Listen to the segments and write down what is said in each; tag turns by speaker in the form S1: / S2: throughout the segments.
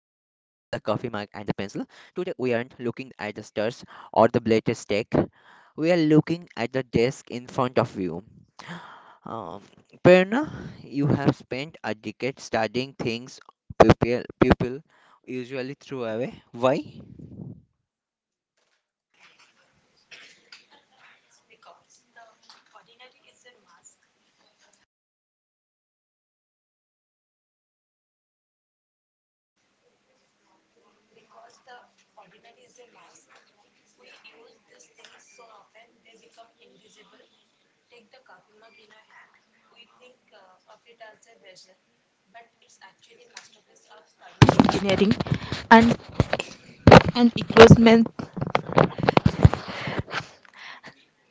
S1: the Pencil. Today we aren't looking at the stars or the latest tech. We are looking at the desk in front of you. Um, Prerna, you have spent a decade studying things people usually throw away. Why?
S2: Engineering and and equipment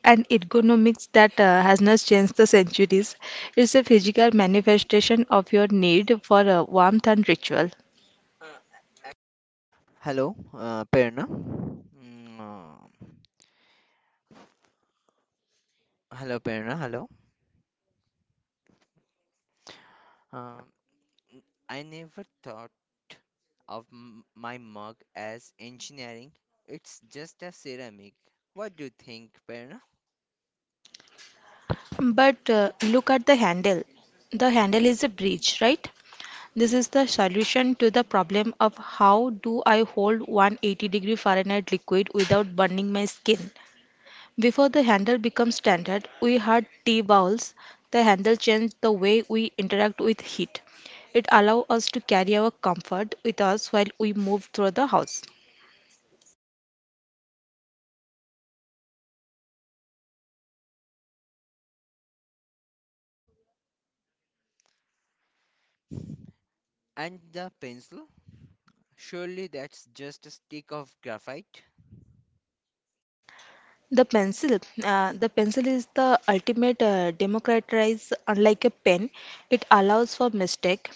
S2: and ergonomics that has not changed the centuries. It's a physical manifestation of your need for warmth and ritual.
S1: Hello, Prerna. Hello, Prerna. Hello. Um I never thought of my mug as engineering. It's just a ceramic. What do you think, Perna?
S2: But look at the handle. The handle is a bridge, right? This is the solution to the problem of how do I hold 180-degree Fahrenheit liquid without burning my skin. Before the handle became standard, we had tea bowls. The handle changed the way we interact with heat. It allowed us to carry our comfort with us while we move through the house.
S1: And the pencil? Surely that's just a stick of graphite.
S2: The pencil is the ultimate democratize. Unlike a pen, it allows for mistake.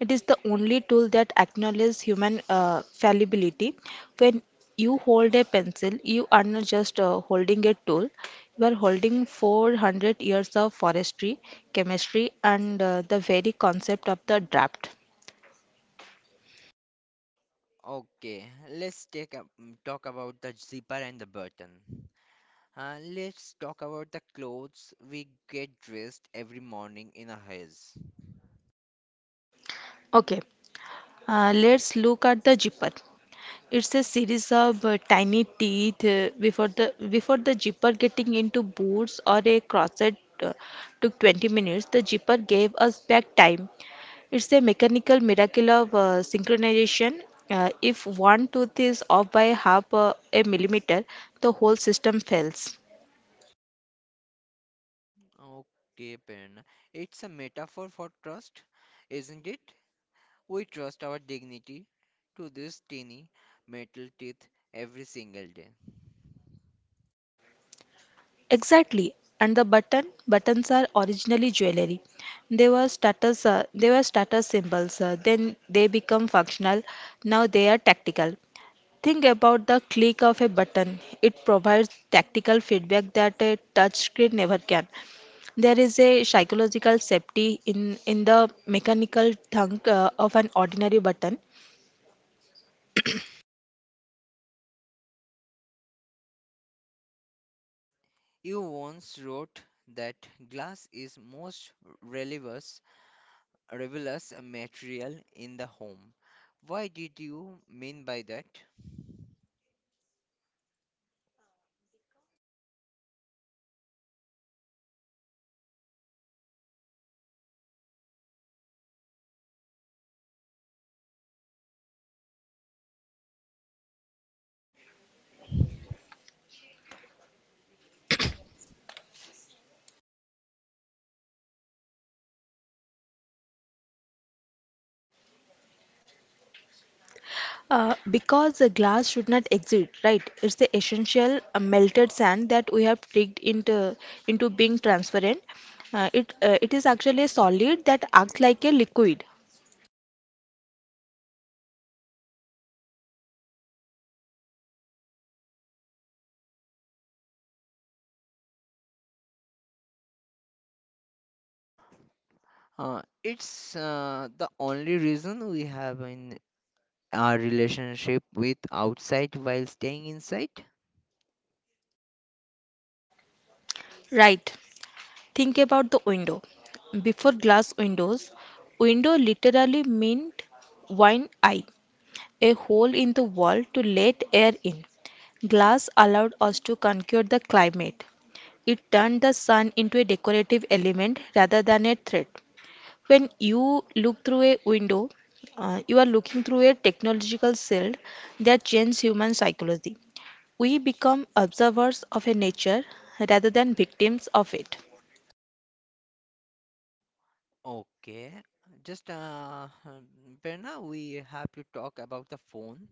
S2: It is the only tool that acknowledges human fallibility. When you hold a pencil, you are not just holding a tool. You are holding 400 years of forestry, chemistry, and the very concept of the draft.
S1: Okay, let's take up, mm, talk about the zipper and the button. Let's talk about the clothes we get dressed every morning in a haze.
S2: Okay, let's look at the zipper. It's a series of tiny teeth before the zipper getting into boots or a corset uh, took 20 minutes. The zipper gave us back time. It's a mechanical miracle of synchronization. If one tooth is off by half a millimeter, the whole system fails.
S1: Okay, Perna. It's a metaphor for trust, isn't it? We trust our dignity to these tiny metal teeth every single day.
S2: Exactly. And the button, buttons are originally jewelry. They were they were status symbols. Then they become functional. Now they are tactical. Think about the click of a button. It provides tactical feedback that a touchscreen never can. There is a psychological safety in the mechanical thunk of an ordinary button,
S1: You once wrote that glass is most relievous, revelous material in the home. Why did you mean by that?
S2: because the glass should not exit, right? It's the essential melted sand that we have tricked into being transparent. It is actually a solid that acts like a liquid,
S1: It's the only reason we have in our relationship with outside while staying inside?
S2: right? Think about the window. Before glass windows, window literally meant wine eye, a hole in the wall to let air in. Glass allowed us to conquer the climate. It turned the sun into a decorative element rather than a threat. When you look through a window, you are looking through a technological shield that changes human psychology. We become observers of a nature rather than victims of it.
S1: Okay, just Berna, we have to talk about the phone,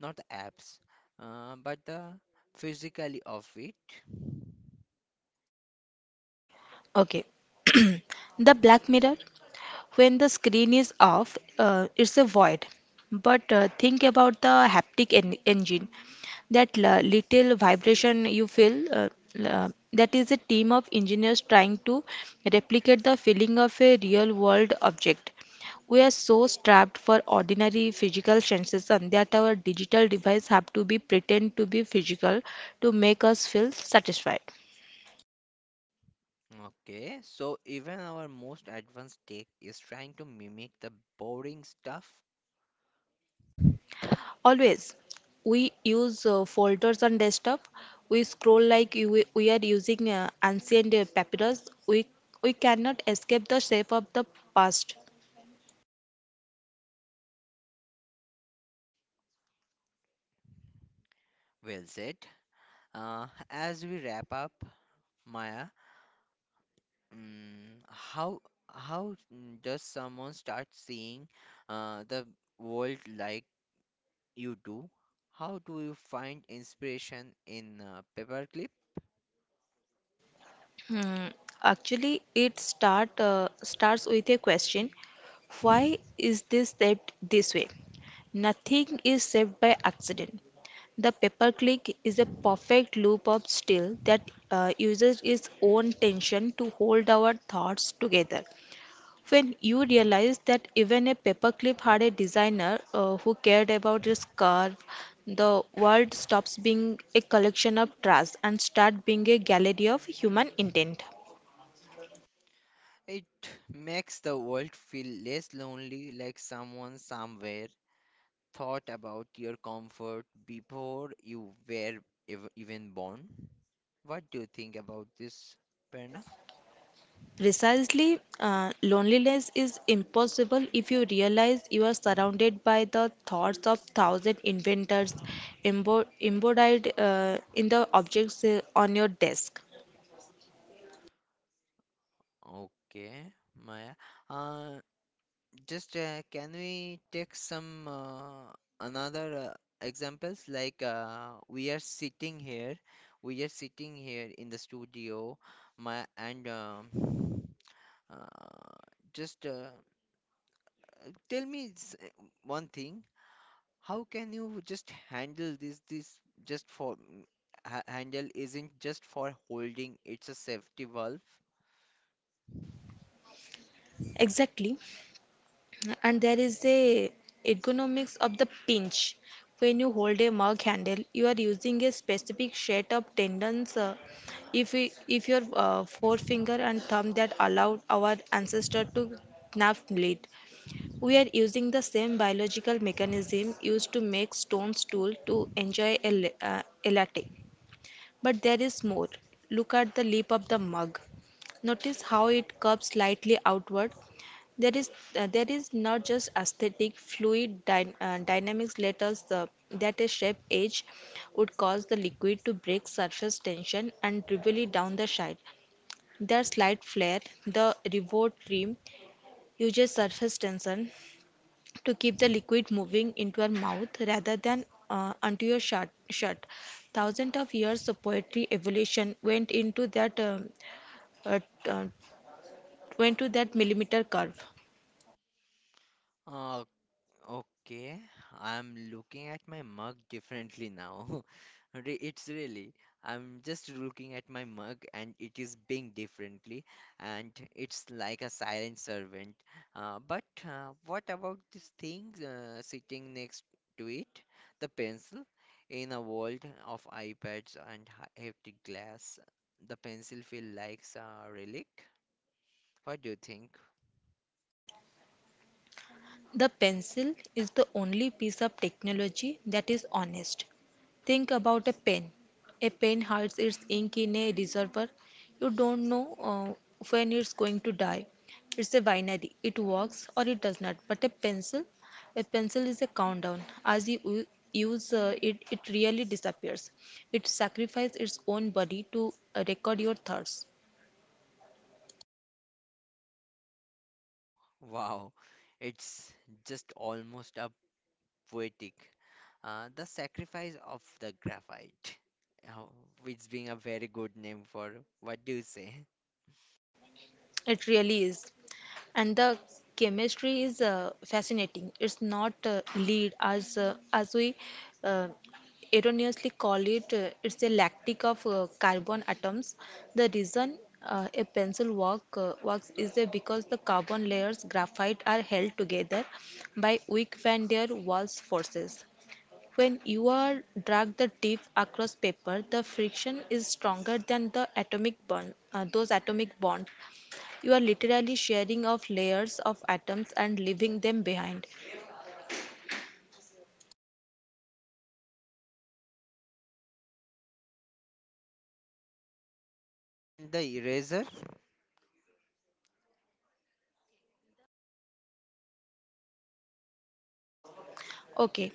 S1: not the apps, but the physically of it.
S2: Okay. The Black Mirror, when the screen is off, it's a void. But think about the haptic en engine. That little vibration you feel, that is a team of engineers trying to replicate the feeling of a real world object. We are so strapped for ordinary physical sensation that our digital device have to be pretend to be physical to make us feel satisfied.
S1: Okay, so even our most advanced tech is trying to mimic the boring stuff.
S2: Always. We use folders on desktop. We scroll like you, we are using ancient papyrus. We cannot escape the shape of the past.
S1: Well said. As we wrap up, Maya, mm, how how does someone start seeing the world like you do? How do you find inspiration in paperclip?
S2: Hmm. Actually, it start starts with a question. Why is this shaped this way? Nothing is shaped by accident. The paperclip is a perfect loop of steel that uses its own tension to hold our thoughts together. When you realize that even a paperclip had a designer who cared about his curve, the world stops being a collection of trash and start being a gallery of human intent.
S1: It makes the world feel less lonely, like someone somewhere thought about your comfort before you were even born? What do you think about this, Perna?
S2: Precisely, loneliness is impossible if you realize you are surrounded by the thoughts of thousand inventors embodied in the objects on your desk.
S1: Okay, Maya. Uh, just Can we take some another examples? Like we are sitting here in the studio, Maya, and uh, just tell me one thing. How can you just handle this? This just for ha handle isn't just for holding, it's a safety valve.
S2: Exactly. And there is a ergonomics of the pinch. When you hold a mug handle, you are using a specific set of tendons. If your forefinger and thumb that allowed our ancestor to knife blade, we are using the same biological mechanism used to make stone tool to enjoy a latte. But there is more. Look at the lip of the mug. Notice how it curves slightly outward. There is not just aesthetic dynamics letters that a shape edge would cause the liquid to break surface tension and dribble down the side. That slight flare, the revot rim, uses surface tension to keep the liquid moving into your mouth rather than onto your shut. Thousands of years of poetry evolution went into that uh, uh, went to that millimeter curve.
S1: Uh, Okay, I'm looking at my mug differently now. It's really, I'm just looking at my mug and it is being differently, and it's like a silent servant. But what about this thing sitting next to it, the pencil? In a world of iPads and hefty glass, the pencil feels like a relic. What do you think?
S2: The pencil is the only piece of technology that is honest. Think about a pen. A pen hides its ink in a reservoir. You don't know when it's going to die. It's a binary. It works or it does not. But a pencil is a countdown. As use it, it really disappears. It sacrifices its own body to record your thoughts.
S1: Wow, it's just almost a poetic. The sacrifice of the graphite, uh, which being a very good name for what do you say?
S2: It really is. And the chemistry is fascinating. It's not lead as we uh, erroneously call it. It's a lactic of carbon atoms. The reason a pencil work works is because the carbon layers graphite are held together by weak van der waals forces. When you are drag the tip across paper, the friction is stronger than the atomic bond those atomic bonds. You are literally sharing off layers of atoms and leaving them behind.
S1: And the eraser.
S2: Okay,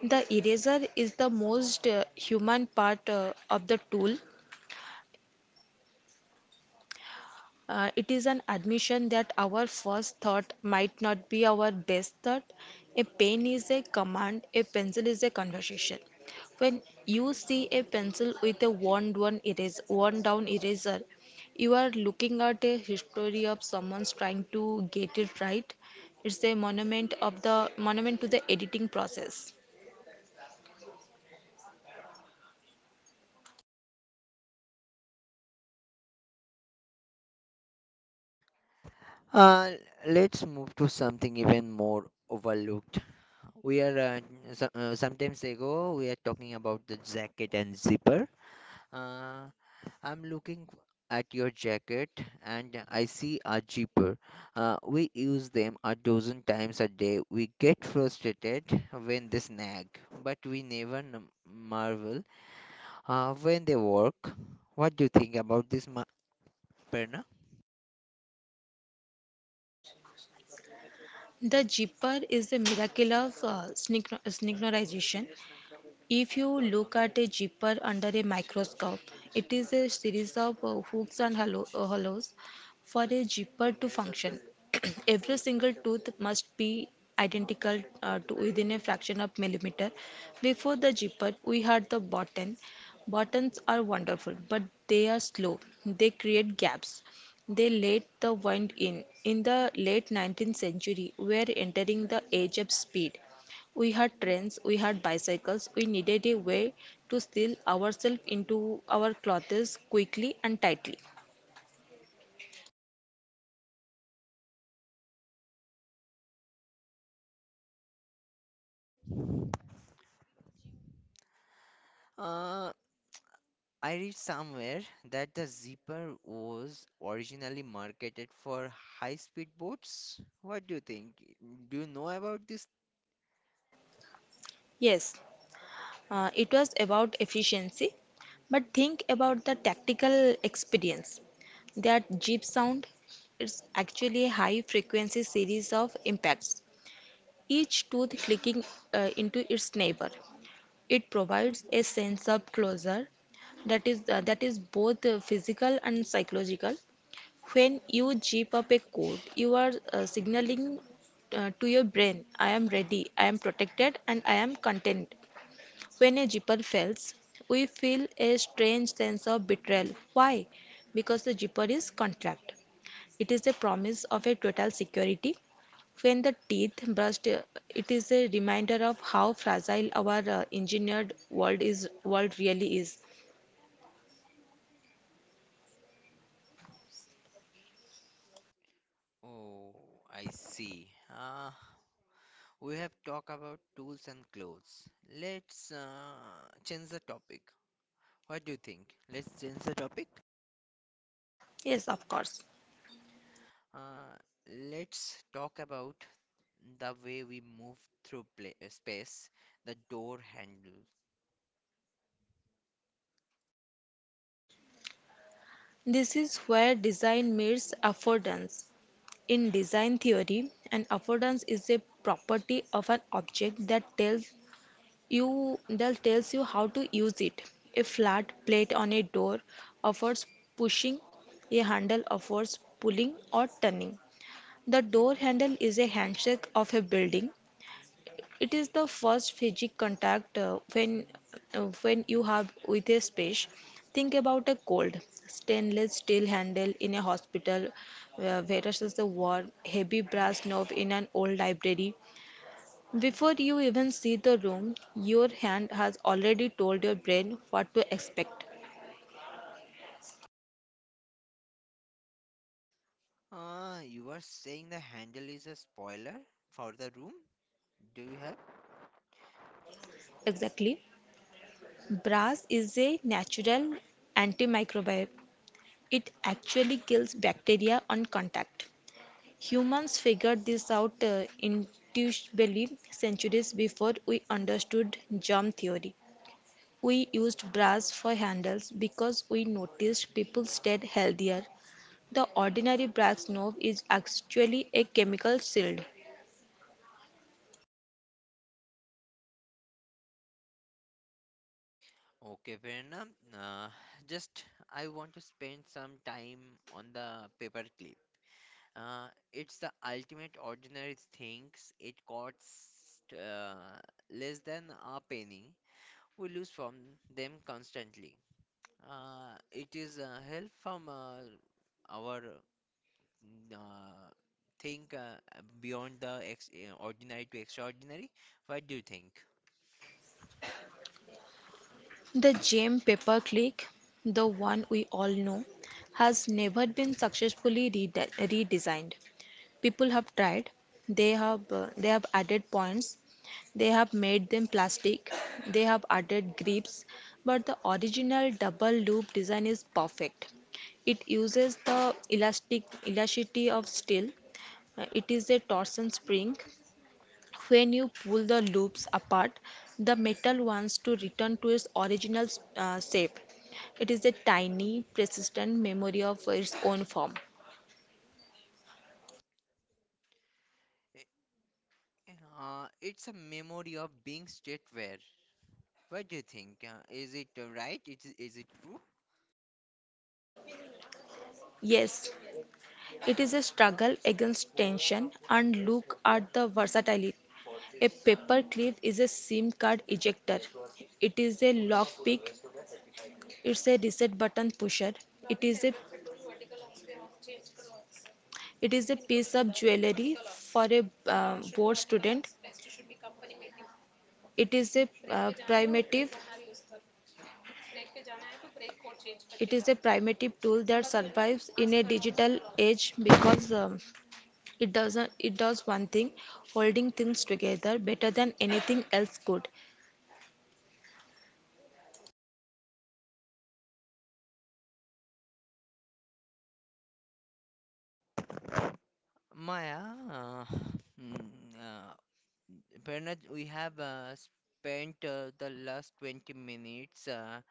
S2: the eraser is the most human part of the tool. It is an admission that our first thought might not be our best thought. A pen is a command, a pencil is a conversation. When you see a pencil with a worn down eraser, you are looking at a history of someone's trying to get it right. It's a monument to the editing process.
S1: Uh, let's move to something even more overlooked. We are uh, Sometimes ago we are talking about the jacket and zipper. Uh, I'm looking at your jacket and I see a zipper. We use them a dozen times a day. We get frustrated when they snag, but we never marvel when they work. What do you think about this, Perna?
S2: The zipper is a miracle of synchronization. If you look at a zipper under a microscope, it is a series of hooks and hollows. For a zipper to function, every single tooth must be identical to within a fraction of millimeter. Before the zipper, we had the button. Buttons are wonderful, but they are slow. They create gaps. They let the wind in. In the late 19th century, we are entering the age of speed. We had trains, we had bicycles, we needed a way to steal ourselves into our clothes quickly and tightly.
S1: Uh, I read somewhere that the zipper was originally marketed for high-speed boats. What do you think? Do you know about this?
S2: Yes, it was about efficiency, but think about the tactical experience. That jeep sound, it's actually a high frequency series of impacts, each tooth clicking into its neighbor. It provides a sense of closure that is both physical and psychological. When you zip up a code, you are signaling to your brain, I am ready, I am protected, and I am content. When a zipper fails, we feel a strange sense of betrayal. Why? Because the zipper is contract. It is a promise of a total security. When the teeth brushed, it is a reminder of how fragile our engineered world is. World really is.
S1: Oh, I see. Uh, We have talked about tools and clothes. Let's change the topic. What do you think? Let's change the topic.
S2: Yes, of course.
S1: Uh, let's talk about the way we move through pla space, the door handle.
S2: This is where design meets affordance. In design theory, an affordance is a property of an object that tells you how to use it. A flat plate on a door offers pushing, a handle offers pulling or turning. The door handle is a handshake of a building. It is the first physical contact when you have with a space. Think about a cold stainless steel handle in a hospital versus the warm heavy brass knob in an old library. Before you even see the room, your hand has already told your brain what to expect.
S1: You are saying the handle is a spoiler for the room? Do you have?
S2: Exactly. Brass is a natural antimicrobial. It actually kills bacteria on contact. Humans figured this out intuitively centuries before we understood germ theory. We used brass for handles because we noticed people stayed healthier. The ordinary brass knob is actually a chemical shield.
S1: Okay, fair enough. Just I want to spend some time on the paperclip. Uh, it's the ultimate ordinary things. It costs less than a penny. We lose from them constantly. It is help from our uh, think Beyond the ex ordinary to extraordinary. What do you think?
S2: The gem paperclip, the one we all know, has never been successfully redesigned. People have tried. They have added points, they have made them plastic, they have added grips, but the original double loop design is perfect. It uses the elasticity of steel. It is a torsion spring. When you pull the loops apart, the metal wants to return to its original shape. It is a tiny, persistent memory of its own form.
S1: I- it's a memory of being straight where. What do you think? Is it right? Is it true?
S2: Yes. It is a struggle against tension, and look at the versatility. A paperclip is a SIM card ejector. It is a lockpick. It's a reset button pusher. It is a it is a piece of jewelry for a board student. It is a uh, primitive. It is a primitive tool that survives in a digital age because it doesn't. it does one thing, holding things together better than anything else could.
S1: Maya, uh, mm, uh, Bernard, we have spent the last 20 minutes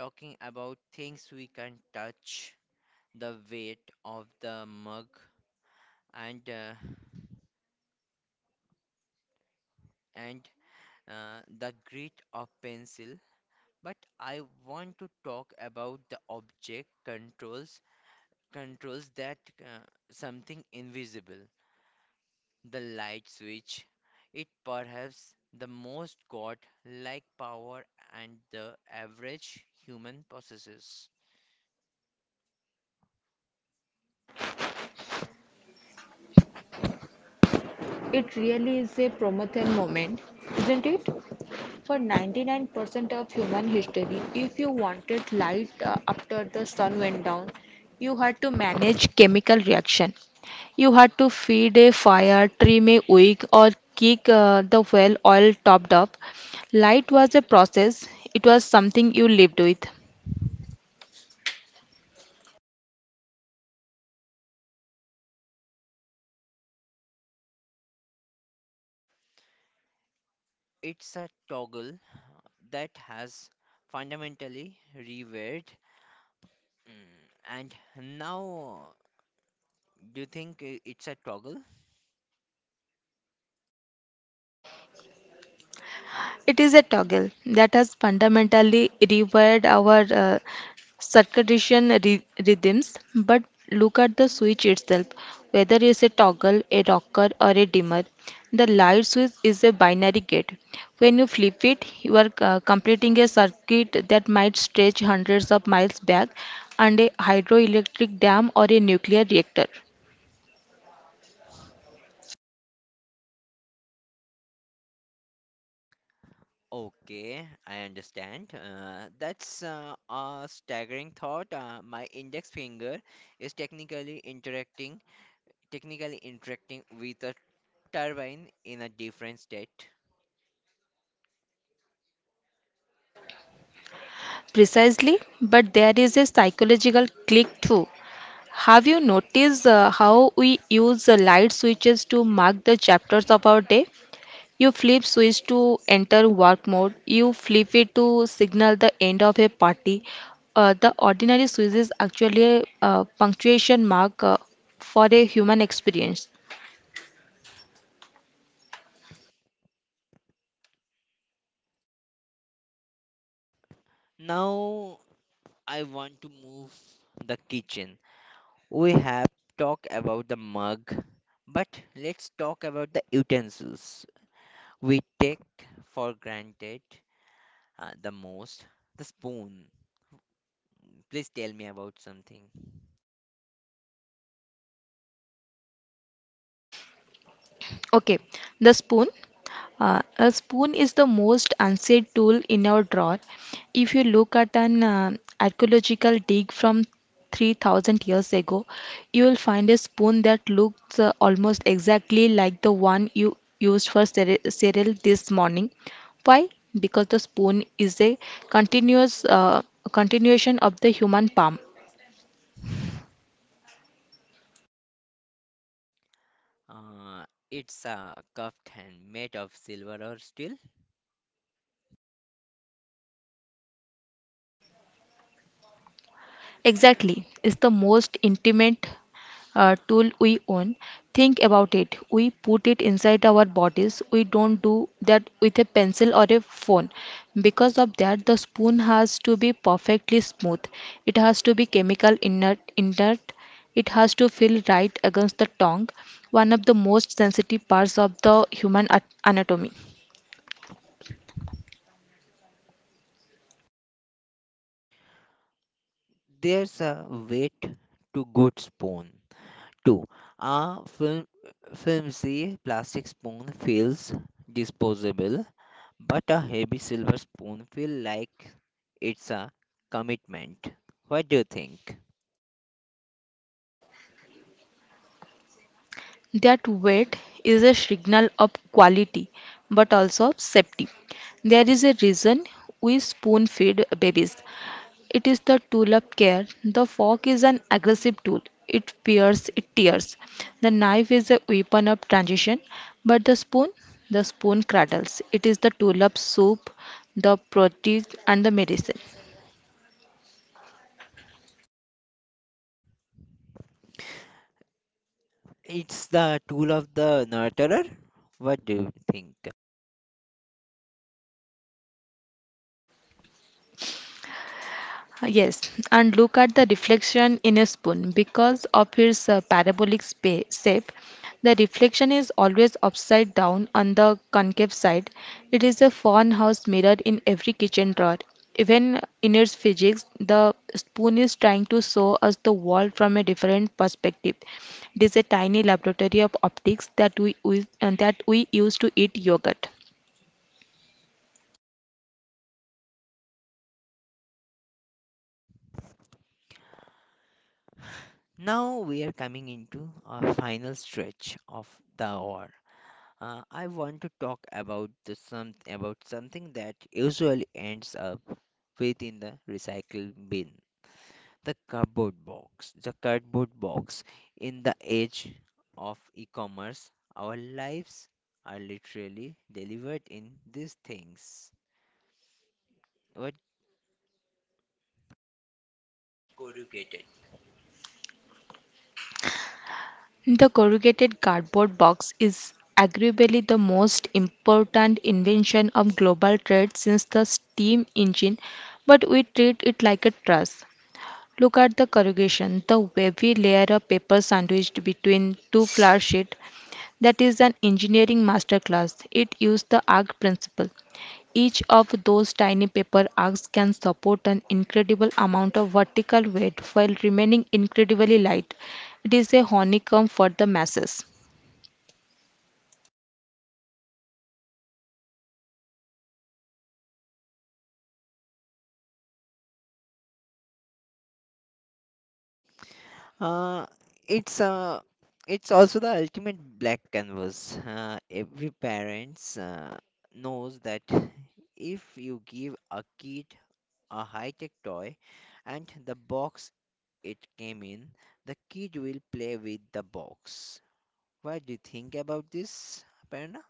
S1: talking about things we can touch, the weight of the mug, and uh, and the grit of pencil. But I want to talk about the object controls controls that something invisible. The light switch, it perhaps the most god-like power and the average human possesses.
S2: It really is a Promethean moment, isn't it? For 99% of human history, if you wanted light after the sun went down, you had to manage chemical reaction. You had to feed a fire, trim a wick, or keep the well oil topped up. Light was a process, it was something you lived with.
S1: It's a toggle that has fundamentally rewired. And now, do you think it's a toggle?
S2: It is a toggle that has fundamentally rewired our rhythms. But look at the switch itself. Whether it's a toggle, a rocker, or a dimmer, the light switch is a binary gate. When you flip it, you are completing a circuit that might stretch hundreds of miles back and a hydroelectric dam or a nuclear reactor.
S1: Okay, I understand. That's a staggering thought. My index finger is technically interacting with a turbine in a different state.
S2: Precisely, but there is a psychological click too. Have you noticed how we use the light switches to mark the chapters of our day? You flip switch to enter work mode, you flip it to signal the end of a party. The ordinary switch is actually a punctuation mark for a human experience.
S1: Now I want to move the kitchen. We have talked about the mug, but let's talk about the utensils we take for granted the most. The spoon. Please tell me about something.
S2: Okay, the spoon. A spoon is the most unsaid tool in our drawer. If you look at an archaeological dig from 3000 years ago, you will find a spoon that looks almost exactly like the one you used for cereal this morning. Why? Because the spoon is a continuous continuation of the human palm.
S1: Uh, it's a cuffed hand made of silver or steel.
S2: Exactly, it's the most intimate tool we own. Think about it. We put it inside our bodies. We don't do that with a pencil or a phone. Because of that, the spoon has to be perfectly smooth. It has to be inert. It has to feel right against the tongue, one of the most sensitive parts of the human anatomy.
S1: There's a weight to good spoon. Two, a film, film see plastic spoon feels disposable, but a heavy silver spoon feels like it's a commitment. What do you think?
S2: That weight is a signal of quality but also of safety. There is a reason we spoon feed babies. It is the tool of care. The fork is an aggressive tool. It pears, it tears. The knife is a weapon of transition, but the spoon cradles. It is the tool of soup, the protein, and the medicine.
S1: It's the tool of the nurturer. What do you think?
S2: Yes, and look at the reflection in a spoon. Because of its shape, the reflection is always upside down on the concave side. It is a farmhouse mirror in every kitchen drawer. Even in its physics, the spoon is trying to show us the world from a different perspective. It is a tiny laboratory of optics that that we use to eat yogurt.
S1: Now we are coming into our final stretch of the hour. I want to talk about the some about something that usually ends up within the recycle bin. The cardboard box. The cardboard box. In the age of e commerce, our lives are literally delivered in these things. But
S2: The corrugated cardboard box is arguably the most important invention of global trade since the steam engine, but we treat it like a truss. Look at the corrugation, the wavy layer of paper sandwiched between two flour sheets. That is an engineering masterclass. It used the arc principle. Each of those tiny paper arcs can support an incredible amount of vertical weight while remaining incredibly light. It is a honeycomb for the masses.
S1: uh, it's uh, it's also the ultimate black canvas. Every parents knows that if you give a kid a high-tech toy and the box it came in, the kid will play with the box. What do you think about this, Aparna?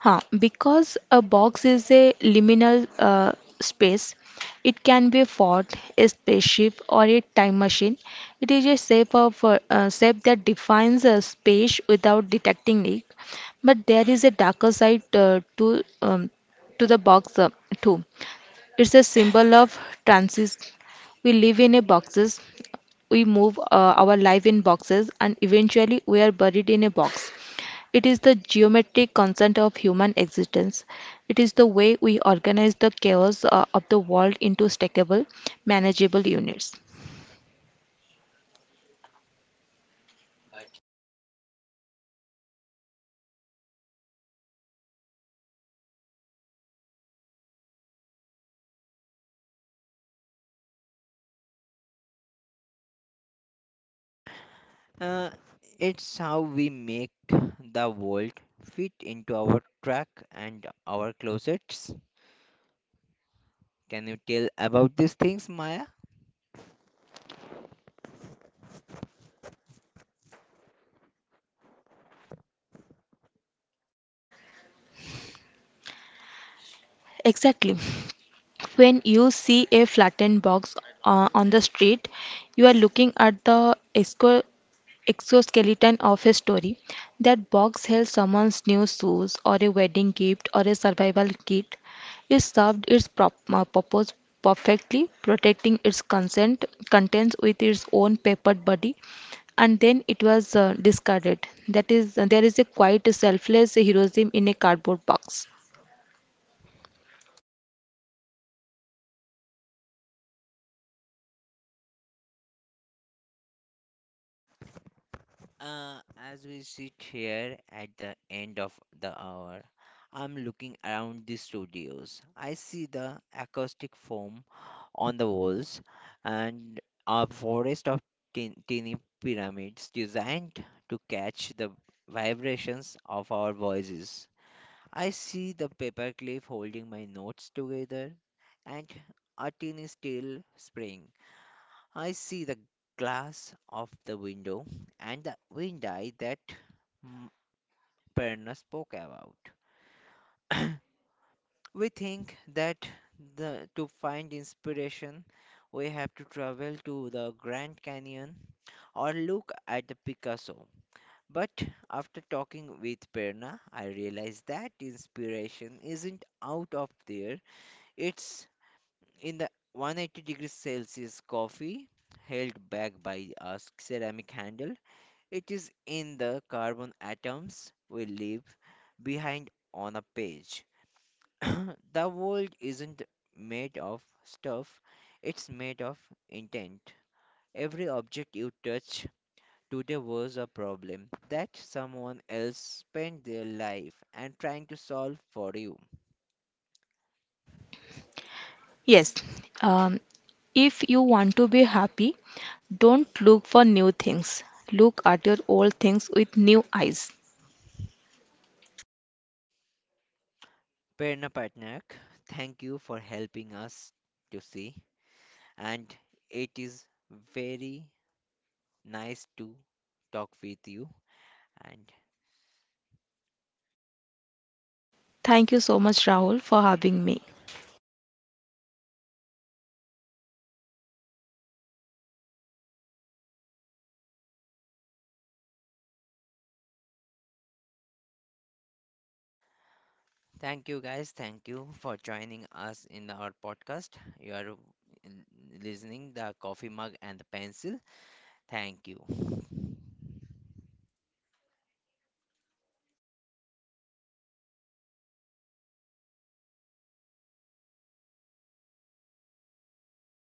S2: Huh, because a box is a liminal space, it can be a fort, a spaceship, or a time machine. It is a shape that defines a space without detecting it. But there is a darker side to the box too. It's a symbol of transit. We live in a boxes. We move our life in boxes, and eventually we are buried in a box. It is the geometric constant of human existence. It is the way we organize the chaos of the world into stackable, manageable units.
S1: Uh, it's how we make the world fit into our truck and our closets. Can you tell about these things, Maya?
S2: Exactly. When you see a flattened box on the street, you are looking at the exoskeleton of a story. That box held someone's new shoes, or a wedding gift, or a survival kit. It served its purpose perfectly, protecting its consent contents with its own papered body, and then it was discarded. That is, there is a quite selfless heroism in a cardboard box.
S1: Uh, as we sit here at the end of the hour, I'm looking around the studios. I see the acoustic foam on the walls and a forest of teeny pyramids designed to catch the vibrations of our voices. I see the paperclip holding my notes together and a tiny still spring. I see the glass of the window and the windy that M- Perna spoke about. We think that to find inspiration, we have to travel to the Grand Canyon or look at the Picasso. But after talking with Perna, I realized that inspiration isn't out of there, it's in the 180 degrees Celsius coffee held back by a ceramic handle. It is in the carbon atoms we leave behind on a page. The world isn't made of stuff, it's made of intent. Every object you touch to there was a problem that someone else spent their life and trying to solve for you.
S2: Yes, um, if you want to be happy, don't look for new things. Look at your old things with new eyes.
S1: Prerna Patnaik, thank you for helping us to see, and it is very nice to talk with you. And
S2: Thank you so much, Rahul, for having me.
S1: thank you guys, thank you for joining us in our podcast. You are listening the coffee mug and the pencil. Thank you.